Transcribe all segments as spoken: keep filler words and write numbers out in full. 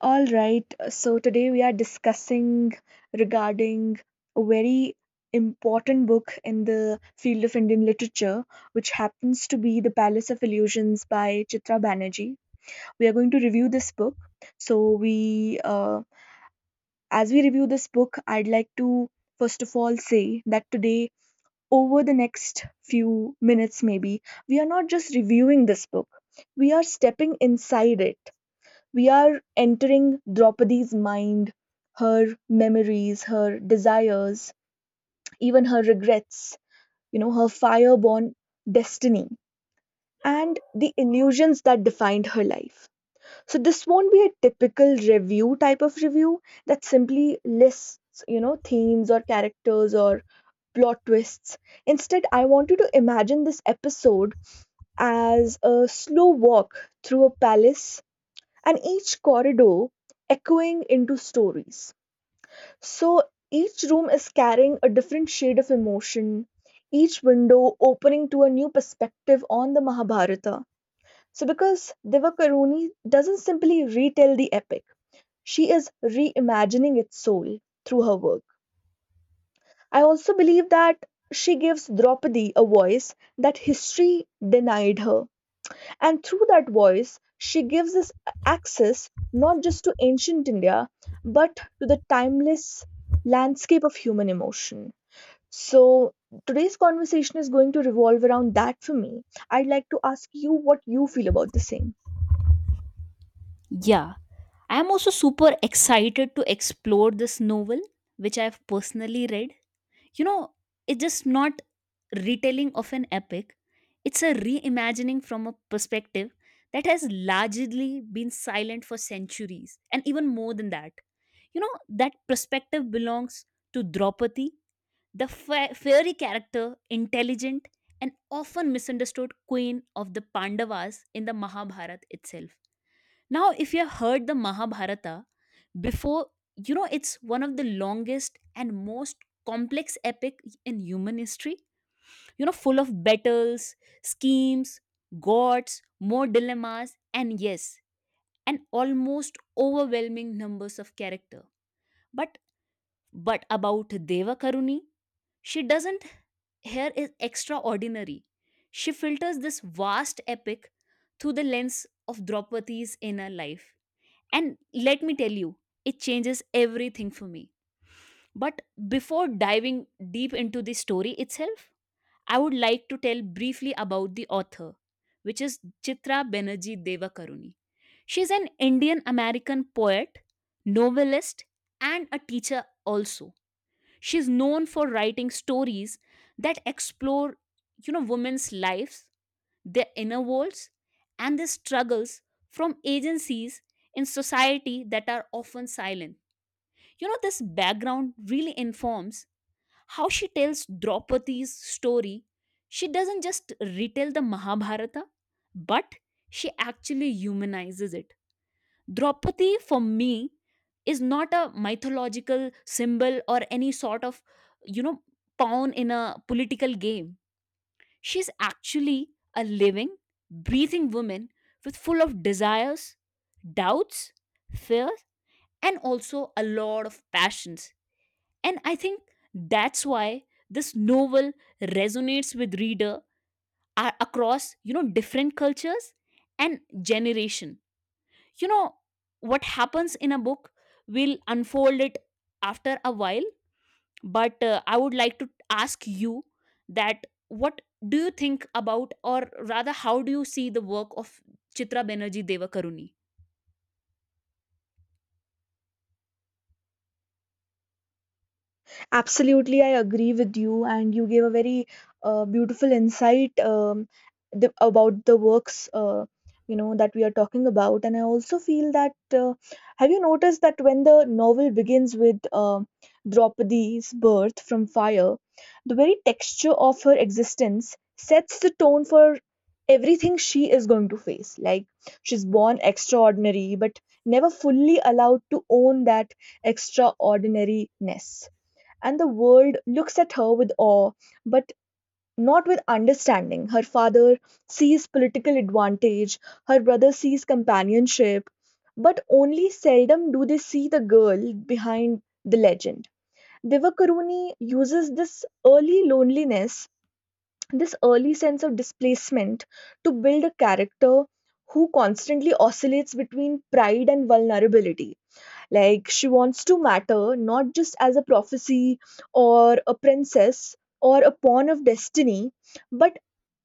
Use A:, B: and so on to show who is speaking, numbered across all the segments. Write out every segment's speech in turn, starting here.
A: All right, so today we are discussing regarding a very important book in the field of Indian literature, which happens to be The Palace of Illusions by Chitra Banerjee. We are going to review this book. So we, uh, as we review this book, I'd like to first of all say that today, over the next few minutes, maybe we are not just reviewing this book; we are stepping inside it we are entering Draupadi's mind, her memories, her desires, even her regrets, you know, her fireborn destiny, and the illusions that defined her life. So, this won't be a typical review type of review that simply lists, you know, themes or characters or plot twists. Instead, I want you to imagine this episode as a slow walk through a palace and each corridor echoing into stories. So each room is carrying a different shade of emotion, each window opening to a new perspective on the Mahabharata. So, because Devakaruni doesn't simply retell the epic, she is reimagining its soul through her work. I also believe that she gives Draupadi a voice that history denied her. And through that voice, she gives us access not just to ancient India, but to the timeless landscape of human emotion. So, today's conversation is going to revolve around that for me. I'd like to ask you what you feel about the same.
B: Yeah, I am also super excited to explore this novel, which I've personally read. You know, it's just not retelling of an epic, it's a reimagining from a perspective that has largely been silent for centuries, and even more than that. You know, that perspective belongs to Draupadi, the fa- fairy character, intelligent, and often misunderstood queen of the Pandavas in the Mahabharata itself. Now, if you have heard the Mahabharata before, you know it's one of the longest and most complex epic in human history. You know, full of battles, schemes, gods, more dilemmas, and yes, an almost overwhelming numbers of character. But but about Deva Karuni, she doesn't here is extraordinary. She filters this vast epic through the lens of Draupadi's inner life, and let me tell you, it changes everything for me. But before diving deep into the story itself, I would like to tell briefly about the author, which is Chitra Banerjee Devakaruni. She's an Indian American poet, novelist, and a teacher also. She's known for writing stories that explore, you know, women's lives, their inner worlds, and their struggles from agencies in society that are often silent. You know, this background really informs how she tells Draupadi's story. She doesn't just retell the Mahabharata, but she actually humanizes it. Draupadi, for me, is not a mythological symbol or any sort of, you know, pawn in a political game. She's actually a living, breathing woman with full of desires, doubts, fears, and also a lot of passions. And I think that's why this novel resonates with reader a- across, you know, different cultures and generation. You know, what happens in a book will unfold it after a while, but uh, I would like to ask you that what do you think about, or rather how do you see the work of Chitra Banerjee Devakaruni?
A: Absolutely, I agree with you, and you gave a very uh, beautiful insight, um, the, about the works, uh, you know, that we are talking about. And I also feel that uh, have you noticed that when the novel begins with uh, Draupadi's birth from fire, the very texture of her existence sets the tone for everything she is going to face. Like she's born extraordinary, but never fully allowed to own that extraordinariness and the world looks at her with awe, but not with understanding. Her father sees political advantage, her brother sees companionship, but only seldom do they see the girl behind the legend. Devakaruni uses this early loneliness, this early sense of displacement, to build a character who constantly oscillates between pride and vulnerability like, she wants to matter not just as a prophecy or a princess or a pawn of destiny, but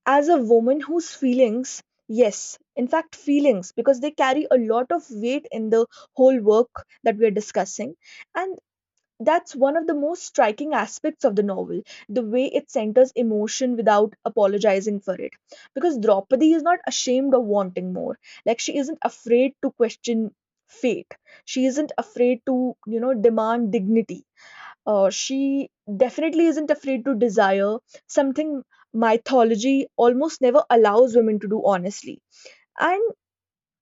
A: as a woman whose feelings, yes, in fact, feelings, because they carry a lot of weight in the whole work that we are discussing. And that's one of the most striking aspects of the novel, the way it centers emotion without apologizing for it. Because Draupadi is not ashamed of wanting more. Like, she isn't afraid to question fate, she isn't afraid to, you know, demand dignity. Uh, she definitely isn't afraid to desire something mythology almost never allows women to do honestly. And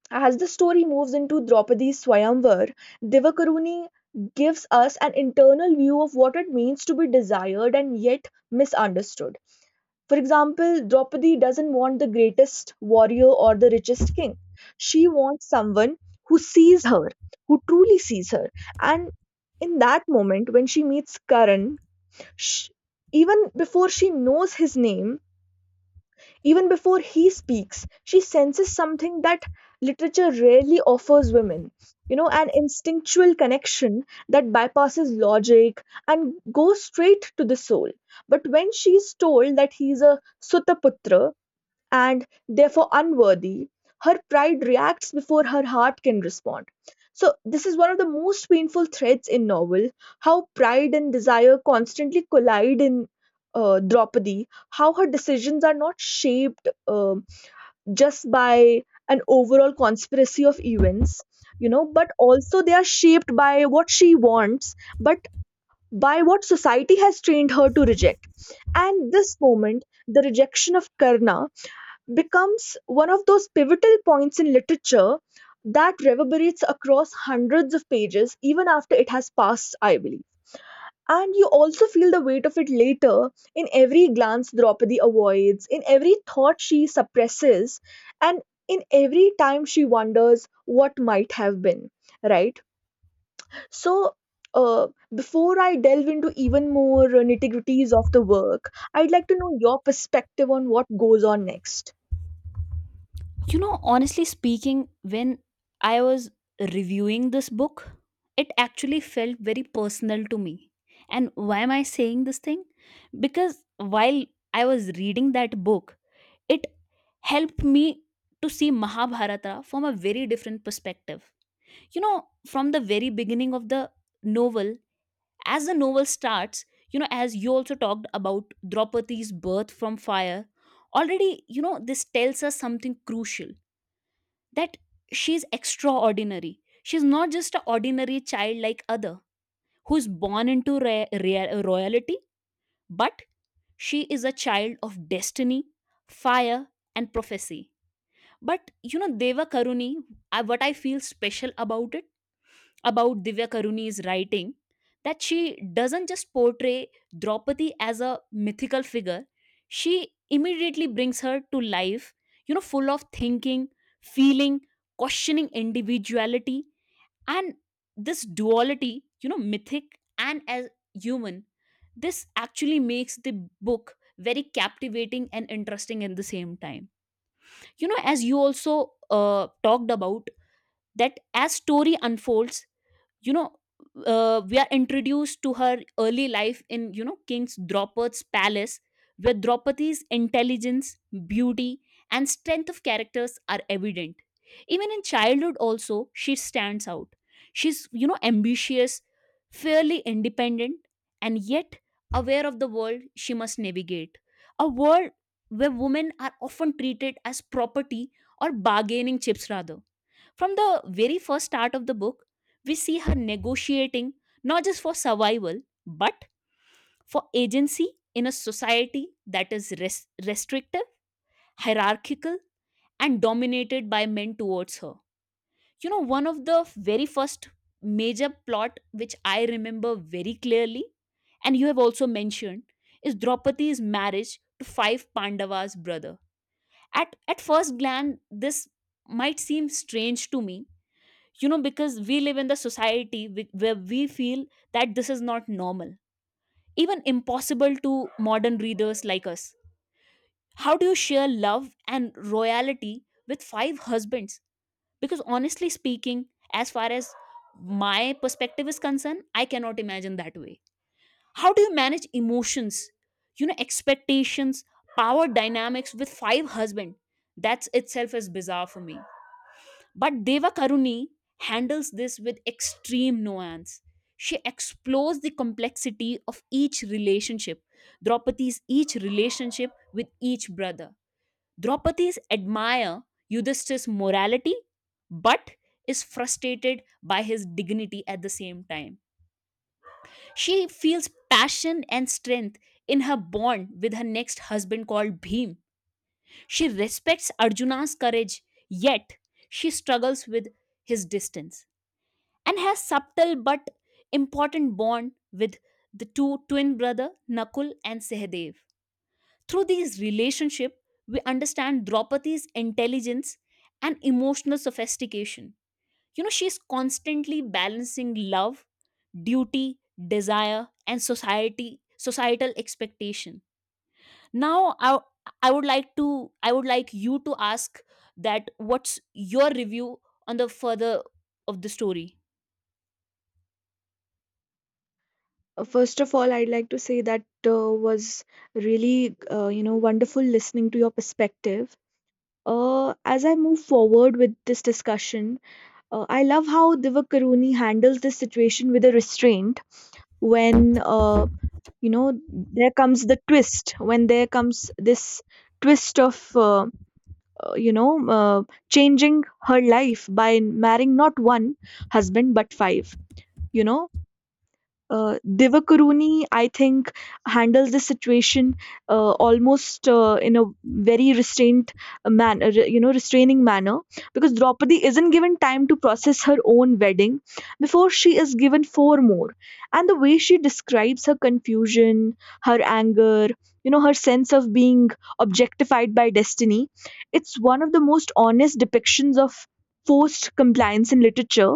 A: as the story moves into Draupadi's Swayamvar, Divakaruni gives us an internal view of what it means to be desired and yet misunderstood. For example, Draupadi doesn't want the greatest warrior or the richest king. She wants someone who sees her, who truly sees her. And in that moment, when she meets Karan, sh even before she knows his name, even before he speaks, she senses something that literature rarely offers women. You know, an instinctual connection that bypasses logic and goes straight to the soul. But when she is told that he is a Sutaputra, and therefore unworthy, her pride reacts before her heart can respond. So, this is one of the most painful threads in novel how pride and desire constantly collide in uh, Draupadi, how her decisions are not shaped um just by an overall conspiracy of events, you know, but also they are shaped by what she wants, but by what society has trained her to reject. And this moment, the rejection of Karna becomes one of those pivotal points in literature that reverberates across hundreds of pages even after it has passed, I believe. And you also feel the weight of it later in every glance Draupadi avoids, in every thought she suppresses, and in every time she wonders what might have been, right? So, uh, before I delve into even more nitty gritties of the work, I'd like to know your perspective on what goes on next.
B: You know, honestly speaking, when I was reviewing this book, it actually felt very personal to me. And why am I saying this thing? Because while I was reading that book, it helped me to see Mahabharata from a very different perspective. You know, from the very beginning of the novel, as the novel starts, you know, as you also talked about Draupadi's birth from fire, already, you know, this tells us something crucial, that she's extraordinary. She's not just an ordinary child like other who's born into ra- ra- royalty, but she is a child of destiny, fire, and prophecy. But you know, Deva Karuni, I- what I feel special about it, about Divya Karuni's writing, that she doesn't just portray Draupadi as a mythical figure, she immediately brings her to life, you know, full of thinking, feeling, questioning individuality. And this duality, you know, mythic and as human, this actually makes the book very captivating and interesting at the same time. You know, as you also uh, talked about, that as story unfolds, you know, uh, we are introduced to her early life in, you know, King's Draupad's palace, where Draupadi's intelligence, beauty, and strength of characters are evident. Even in childhood also she stands out. She's, you know, ambitious, fairly independent, and yet aware of the world she must navigate, a world where women are often treated as property or bargaining chips rather. From the very first start of the book, we see her negotiating not just for survival, but for agency in a society that is res- restrictive, hierarchical, and dominated by men towards her. You know, one of the very first major plot which I remember very clearly, and you have also mentioned, is Draupadi's marriage to five Pandavas' brother. At at first glance, this might seem strange to me, you know, because we live in the society whi- where we feel that this is not normal, even impossible to modern readers like us. How do you share love and royalty with five husbands? Because honestly speaking, as far as my perspective is concerned, I cannot imagine that way. How do you manage emotions, you know, expectations, power dynamics with five husbands? That's itself is bizarre for me. But Deva Karuni handles this with extreme nuance. She explores the complexity of each relationship, Draupadi's each relationship with each brother. Draupadi's admire Yudhishthir's morality, but is frustrated by his dignity at the same time. She feels passion and strength in her bond with her next husband called Bhim. She respects Arjuna's courage, yet she struggles with his distance, and has subtle but important bond with the two twin brother Nakul and Sehdev. Through these relationship, we understand Draupadi's intelligence and emotional sophistication. You know, she is constantly balancing love, duty, desire, and society societal expectation. Now, I I would like to I would like you to ask that what's your review on the further of the story.
A: Uh, First of all, I'd like to say that uh, was really, uh, you know, wonderful listening to your perspective. Uh, as I move forward with this discussion, uh, I love how Divak Karuni handles this situation with a restraint when, uh, you know, there comes the twist, when there comes this twist of, uh, uh, you know, uh, changing her life by marrying not one husband but five, you know Uh, Divakaruni, I think, handles the situation uh, almost uh, in a very restrained man, uh, re- you know, restraining manner, because Draupadi isn't given time to process her own wedding before she is given four more. And the way she describes her confusion, her anger, you know, her sense of being objectified by destiny, it's one of the most honest depictions of forced compliance in literature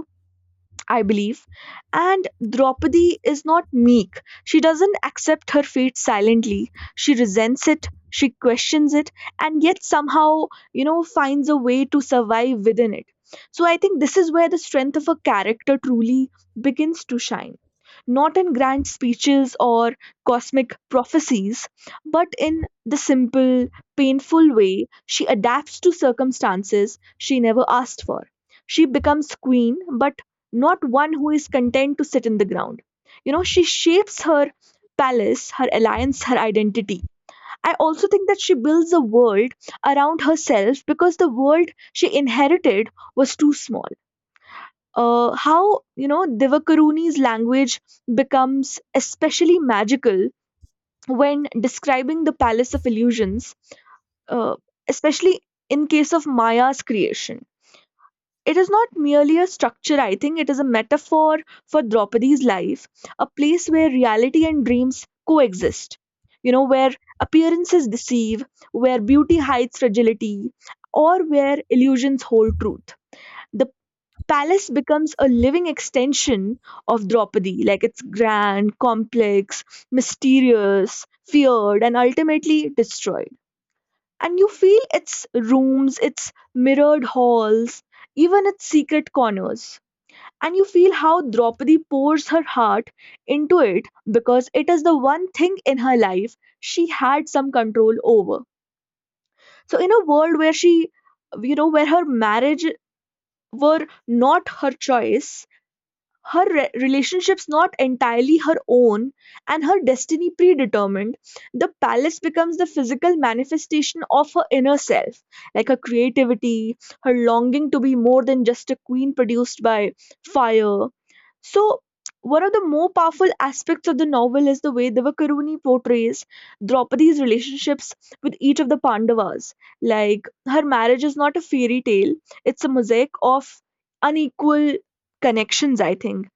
A: I believe. And Draupadi is not meek. She doesn't accept her fate silently. She resents it, she questions it, and yet somehow, you know, finds a way to survive within it. So I think this is where the strength of a character truly begins to shine. Not in grand speeches or cosmic prophecies, but in the simple, painful way she adapts to circumstances she never asked for. She becomes queen, but not one who is content to sit in the ground. You know, she shapes her palace, her alliance, her identity. I also think that she builds a world around herself because the world she inherited was too small. Uh, how, you know, Divakaruni's language becomes especially magical when describing the palace of illusions, uh, especially in case of Maya's creation It is not merely a structure, I think, it is a metaphor for Draupadi's life, a place where reality and dreams coexist. You know, where appearances deceive, where beauty hides fragility, or where illusions hold truth. The palace becomes a living extension of Draupadi, like it's grand, complex, mysterious, feared, and ultimately destroyed and you feel its rooms, its mirrored halls, even its secret corners. And you feel how Draupadi pours her heart into it because it is the one thing in her life she had some control over. So, in a world where she, you know, where her marriage were not her choice, her re- relationships not entirely her own and her destiny predetermined the palace becomes the physical manifestation of her inner self like her creativity her longing to be more than just a queen produced by fire so one of the more powerful aspects of the novel is the way Devakaruni portrays Draupadi's relationships with each of the Pandavas. Like, her marriage is not a fairy tale, it's a mosaic of unequal connections, I think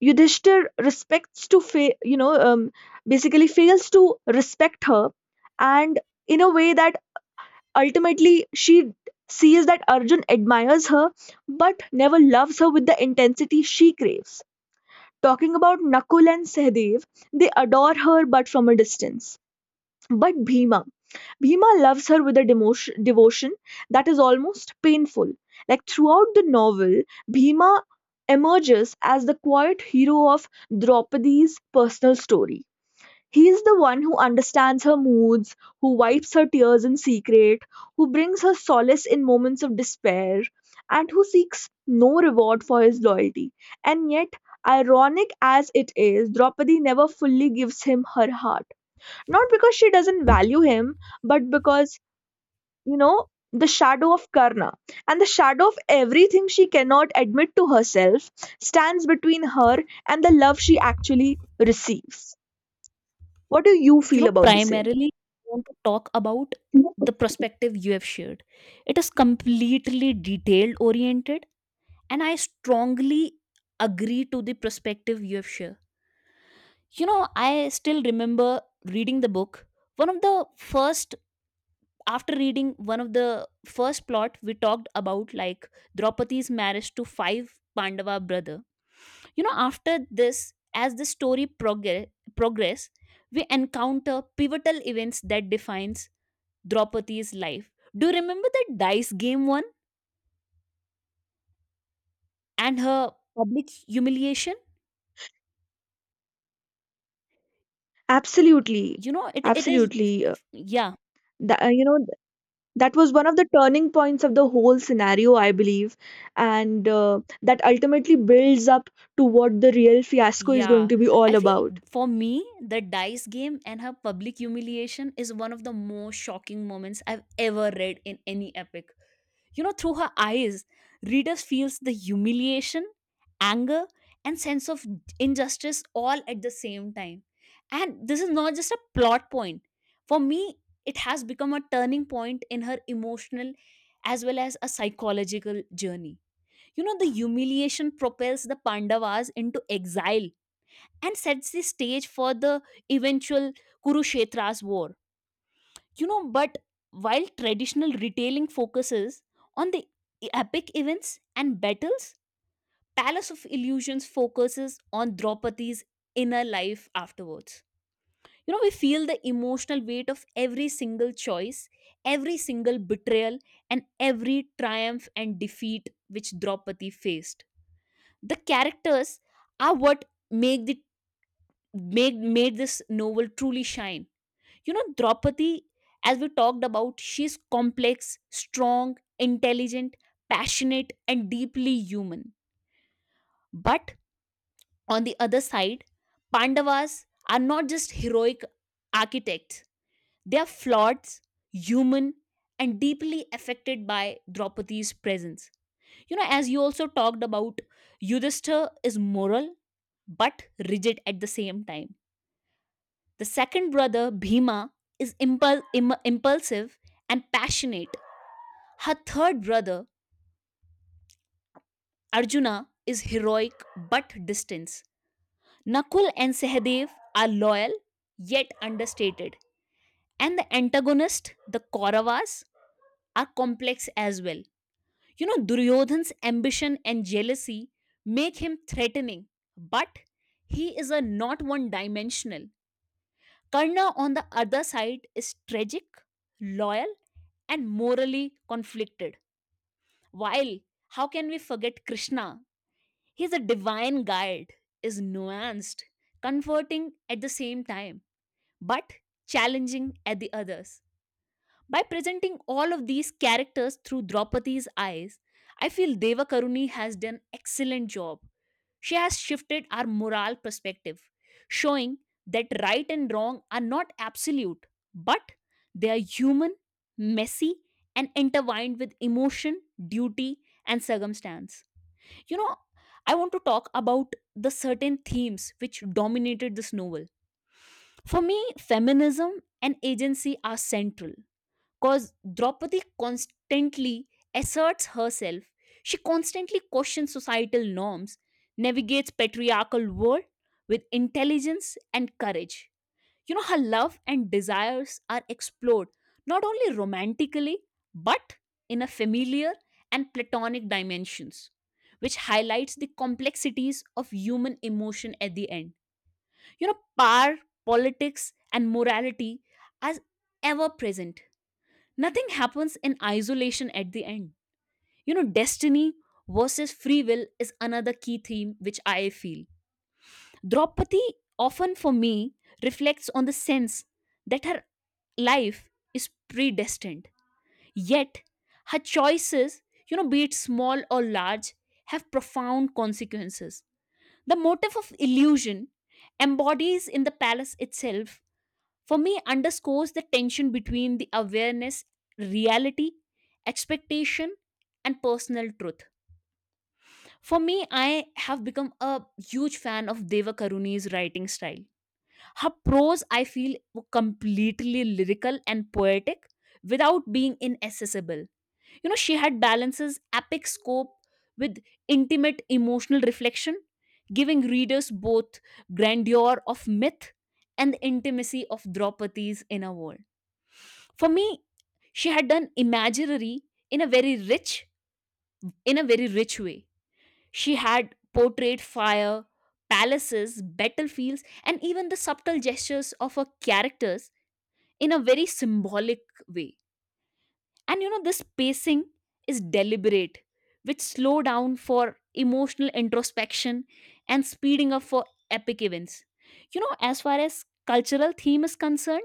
A: Yudhishthir respects to fa- you know um, basically fails to respect her and in a way that ultimately she sees that Arjun admires her but never loves her with the intensity she craves. Talking about Nakul and Sehdev, they adore her but from a distance. But Bhima, Bhima loves her with a demotion, devotion that is almost painful. Like throughout the novel, Bhima emerges as the quiet hero of Draupadi's personal story. He is the one who understands her moods, who wipes her tears in secret, who brings her solace in moments of despair, and who seeks no reward for his loyalty. And yet, ironic as it is, Draupadi never fully gives him her heart not because she doesn't value him, but because, you know, the shadow of Karna and the shadow of everything she cannot admit to herself stands between her and the love she actually receives. What do you
B: You
A: feel
B: know,
A: about the same?
B: primarily, want to talk about the perspective you have shared. It is completely detailed oriented, and I strongly agree to the perspective you have shared. You know, I still remember reading the book, one of the first, after reading one of the first plot we talked about, like Draupadi's marriage to five Pandava brother. You know, after this, as the story progress progress, we encounter pivotal events that defines Draupadi's life. Do you remember that dice game one, and her public humiliation?
A: Absolutely.
B: You know, it, it is
A: Absolutely. Uh,
B: yeah.
A: That, uh, you know, th- that was one of the turning points of the whole scenario, I believe. And uh, that ultimately builds up to what the real fiasco is going
B: Yeah,
A: to be all
B: I feel,
A: about.
B: for me, the dice game and her public humiliation is one of the most shocking moments I've ever read in any epic. You know, through her eyes, readers feels the humiliation, anger, and sense of injustice all at the same time. And this is not just a plot point. For me, it has become a turning point in her emotional as well as a psychological journey. You know, the humiliation propels the Pandavas into exile and sets the stage for the eventual Kurukshetra's war. You know, but while traditional retailing focuses on the epic events and battles, Palace of Illusions focuses on Draupadi's inner life afterwards. You know, we feel the emotional weight of every single choice, every single betrayal, and every triumph and defeat which Draupadi faced. The characters are what make the made made this novel truly shine. You know, Draupadi, as we talked about, she's complex, strong, intelligent, passionate, and deeply human. But on the other side, Pandavas are not just heroic architects, they are flawed, human, and deeply affected by Draupadi's presence. You know, as you also talked about, Yudhishthir is moral but rigid at the same time. The second brother, Bhima, is impul- im- impulsive and passionate. Her third brother, Arjuna, is heroic but distant. Nakul and Sahadev are loyal yet understated. And the antagonist, the Kauravas, are complex as well. You know, Duryodhan's ambition and jealousy make him threatening, but he is a not one dimensional. Karna, on the other side, is tragic, loyal, and morally conflicted. While, how can we forget Krishna? He's a divine guide, is nuanced, comforting at the same time, but challenging at the others. By presenting all of these characters through Draupadi's eyes, I feel Devakaruni has done excellent job. She has shifted our moral perspective, showing that right and wrong are not absolute, but they are human, messy, and intertwined with emotion, duty, and circumstance. You know, I want to talk about the certain themes which dominated this novel. For me, feminism and agency are central. Cause Draupadi constantly asserts herself. She constantly questions societal norms, navigates patriarchal world with intelligence and courage. You know, her love and desires are explored not only romantically, but in a familiar and platonic dimensions, which highlights the complexities of human emotion at the end. You know, power, politics, and morality are ever present. Nothing happens in isolation at the end. You know, destiny versus free will is another key theme which I feel. Draupadi often for me reflects on the sense that her life is predestined. Yet, her choices, you know, be it small or large, have profound consequences. The motif of illusion embodies in the palace itself for me underscores the tension between the awareness, reality, expectation, and personal truth. For me, I have become a huge fan of Deva Karuni's writing style. Her prose, I feel, were completely lyrical and poetic without being inaccessible. You know, she had balances epic scope with intimate emotional reflection, giving readers both grandeur of myth and the intimacy of Draupadi's inner world. For me, she had done imaginary in a very rich, in a very rich way. She had portrayed fire, palaces, battlefields, and even the subtle gestures of her characters in a very symbolic way. And you know, this pacing is deliberate, which slow down for emotional introspection and speeding up for epic events. You know, as far as cultural theme is concerned,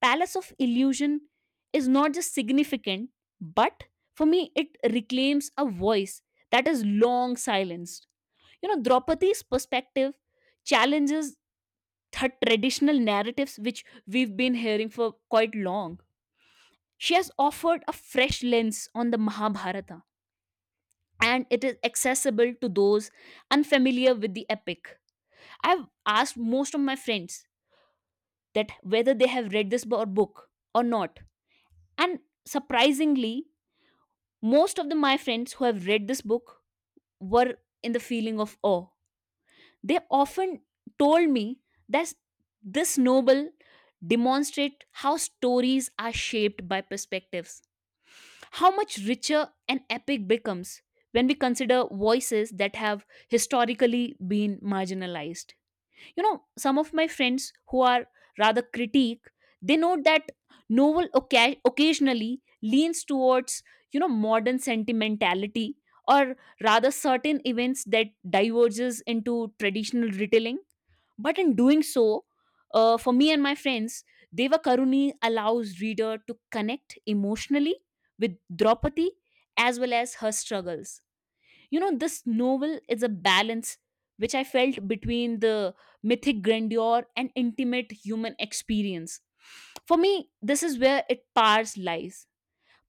B: Palace of Illusion is not just significant, but for me, it reclaims a voice that is long silenced. You know, Draupadi's perspective challenges the traditional narratives which we've been hearing for quite long. She has offered a fresh lens on the Mahabharata, and it is accessible to those unfamiliar with the epic. I've asked most of my friends that whether they have read this bo- book or not, and surprisingly, most of the, my friends who have read this book were in the feeling of awe. They often told me that this novel demonstrate how stories are shaped by perspectives, how much richer an epic becomes when we consider voices that have historically been marginalized. You know, some of my friends who are rather critique, they note that novel oca- occasionally leans towards, you know, modern sentimentality, or rather certain events that diverges into traditional retelling. But in doing so, uh, for me and my friends, Deva Karuni allows reader to connect emotionally with Draupadi as well as her struggles. You know, this novel is a balance which I felt between the mythic grandeur and intimate human experience. For me, this is where it powers lies.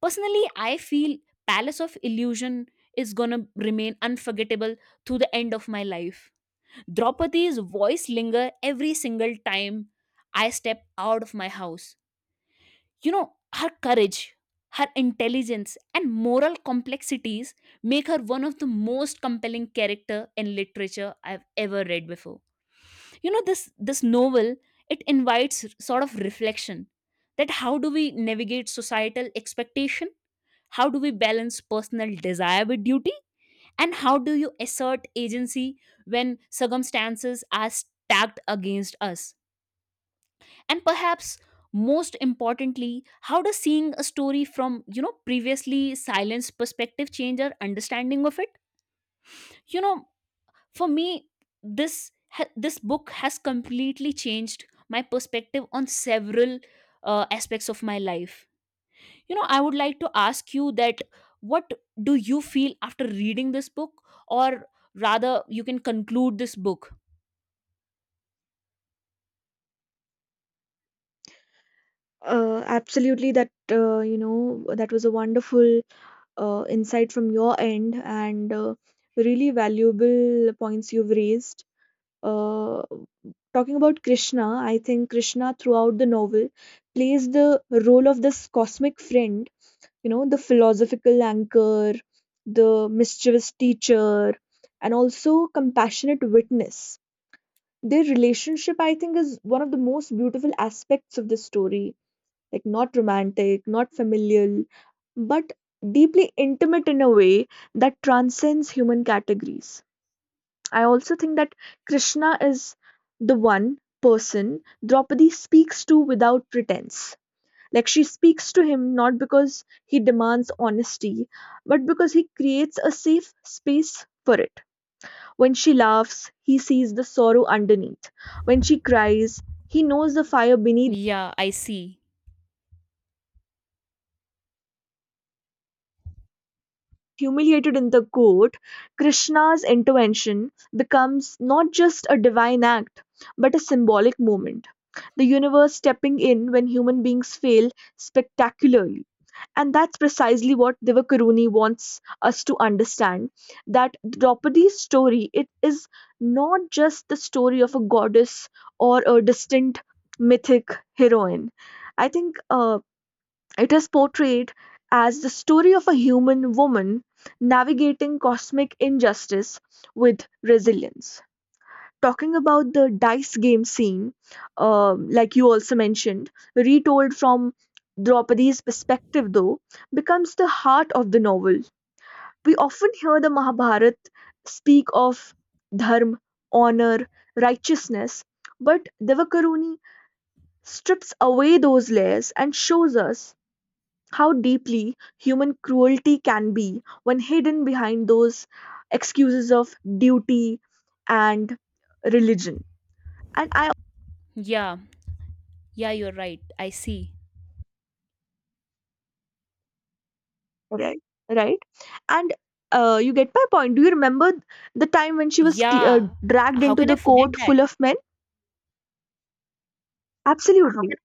B: Personally, I feel Palace of Illusion is gonna remain unforgettable to the end of my life. Draupadi's voice linger every single time I step out of my house. You know, her courage, her intelligence, and moral complexities make her one of the most compelling character in literature I've ever read before. You know, this this novel, it invites r- sort of reflection, that how do we navigate societal expectation? How do we balance personal desire with duty? And how do you assert agency when circumstances are stacked against us? And perhaps most importantly, how does seeing a story from, you know, previously silenced perspective change our understanding of it? You know, for me, this ha- this book has completely changed my perspective on several uh, aspects of my life. You know, I would like to ask you that what do you feel after reading this book, or rather you can conclude this book.
A: Uh, absolutely that uh, you know that was a wonderful uh, insight from your end and uh, really valuable points you've raised uh, talking about Krishna, I think Krishna throughout the novel plays the role of this cosmic friend, you know the philosophical anchor, the mischievous teacher, and also compassionate witness. Their relationship, I think, is one of the most beautiful aspects of the story. Like not romantic, not familial, but deeply intimate in a way that transcends human categories. I also think that Krishna is the one person Draupadi speaks to without pretense. Like she speaks to him not because he demands honesty, but because he creates a safe space for it. When she laughs, he sees the sorrow underneath. When she cries, he knows the fire beneath
B: Yeah, I see.
A: Humiliated in the court, Krishna's intervention becomes not just a divine act, but a symbolic moment. The universe stepping in when human beings fail spectacularly. And that's precisely what Divakaruni wants us to understand that Draupadi's story, it is not just the story of a goddess or a distant mythic heroine. I think uh, it is portrayed as the story of a human woman navigating cosmic injustice with resilience. Talking about the dice game scene, um, like you also mentioned, retold from Draupadi's perspective, though, becomes the heart of the novel. We often hear the Mahabharata speak of dharma, honor, righteousness, but Devakaruni strips away those layers and shows us how deeply human cruelty can be when hidden behind those excuses of duty and religion. And I,
B: Yeah, yeah, you're right, I see.
A: right, right, and uh, you get my point. Do you remember the time when she was cl- uh,
B: Yeah.
A: dragged
B: How
A: into
B: can I
A: the
B: forget
A: court
B: that?
A: full of men? Absolutely.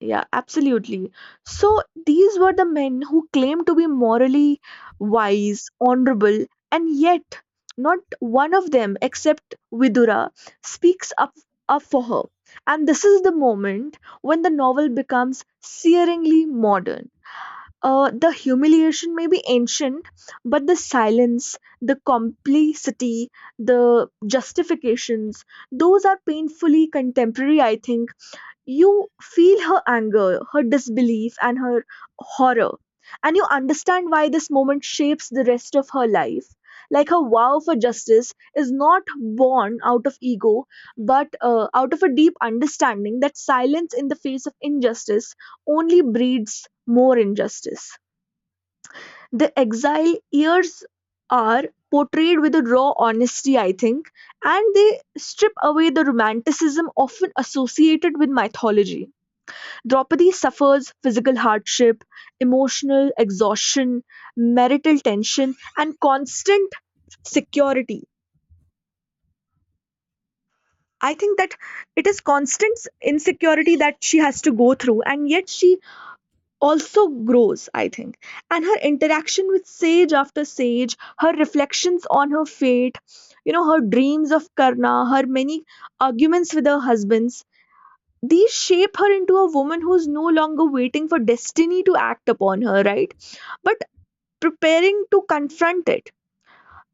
A: Yeah, absolutely. So these were the men who claimed to be morally wise, honorable, and yet not one of them, except Vidura, speaks up, up for her. And this is the moment when the novel becomes searingly modern. Uh, the humiliation may be ancient, but the silence, the complicity, the justifications, those are painfully contemporary. I think you feel her anger, her disbelief, and her horror. And you understand why this moment shapes the rest of her life. Like her vow for justice is not born out of ego, but uh, out of a deep understanding that silence in the face of injustice only breeds more injustice. The exile years are portrayed with a raw honesty, I think, and they strip away the romanticism often associated with mythology. Draupadi suffers physical hardship, emotional exhaustion, marital tension, and constant security. I think that it is constant insecurity that she has to go through, and yet she also grows, I think. And her interaction with sage after sage, her reflections on her fate, you know, her dreams of Karna, her many arguments with her husbands, these shape her into a woman who's no longer waiting for destiny to act upon her, right? But preparing to confront it.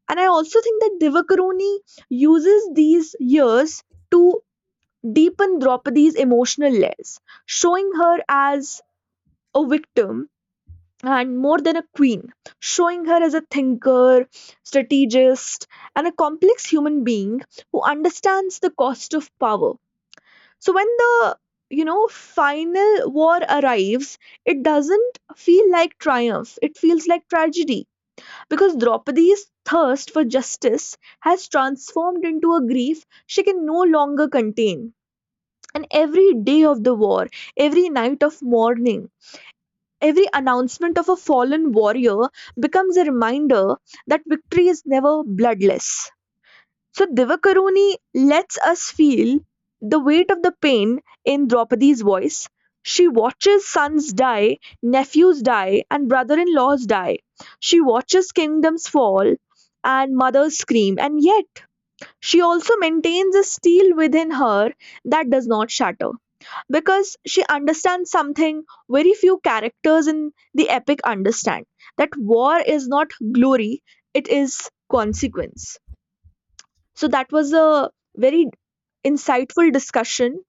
A: And I also think that Divakaruni uses these years to deepen Draupadi's emotional layers, showing her as a victim and more than a queen, showing her as a thinker, strategist, and a complex human being who understands the cost of power. So when the you know final war arrives, it doesn't feel like triumph, it feels like tragedy. Because Draupadi's thirst for justice has transformed into a grief she can no longer contain. And every day of the war, every night of mourning, every announcement of a fallen warrior becomes a reminder that victory is never bloodless. So Divakaruni lets us feel the weight of the pain in Draupadi's voice. She watches sons die, nephews die, and brother-in-laws die. She watches kingdoms fall and mothers scream, and yet she also maintains a steel within her that does not shatter because she understands something very few characters in the epic understand, that war is not glory, it is consequence. So that was a very insightful discussion.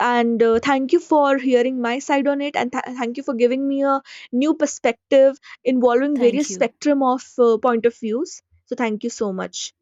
A: And uh, thank you for hearing my side on it. And th- thank you for giving me a new perspective involving various
B: Thank you.
A: spectrum of uh, point of views. So thank you so much.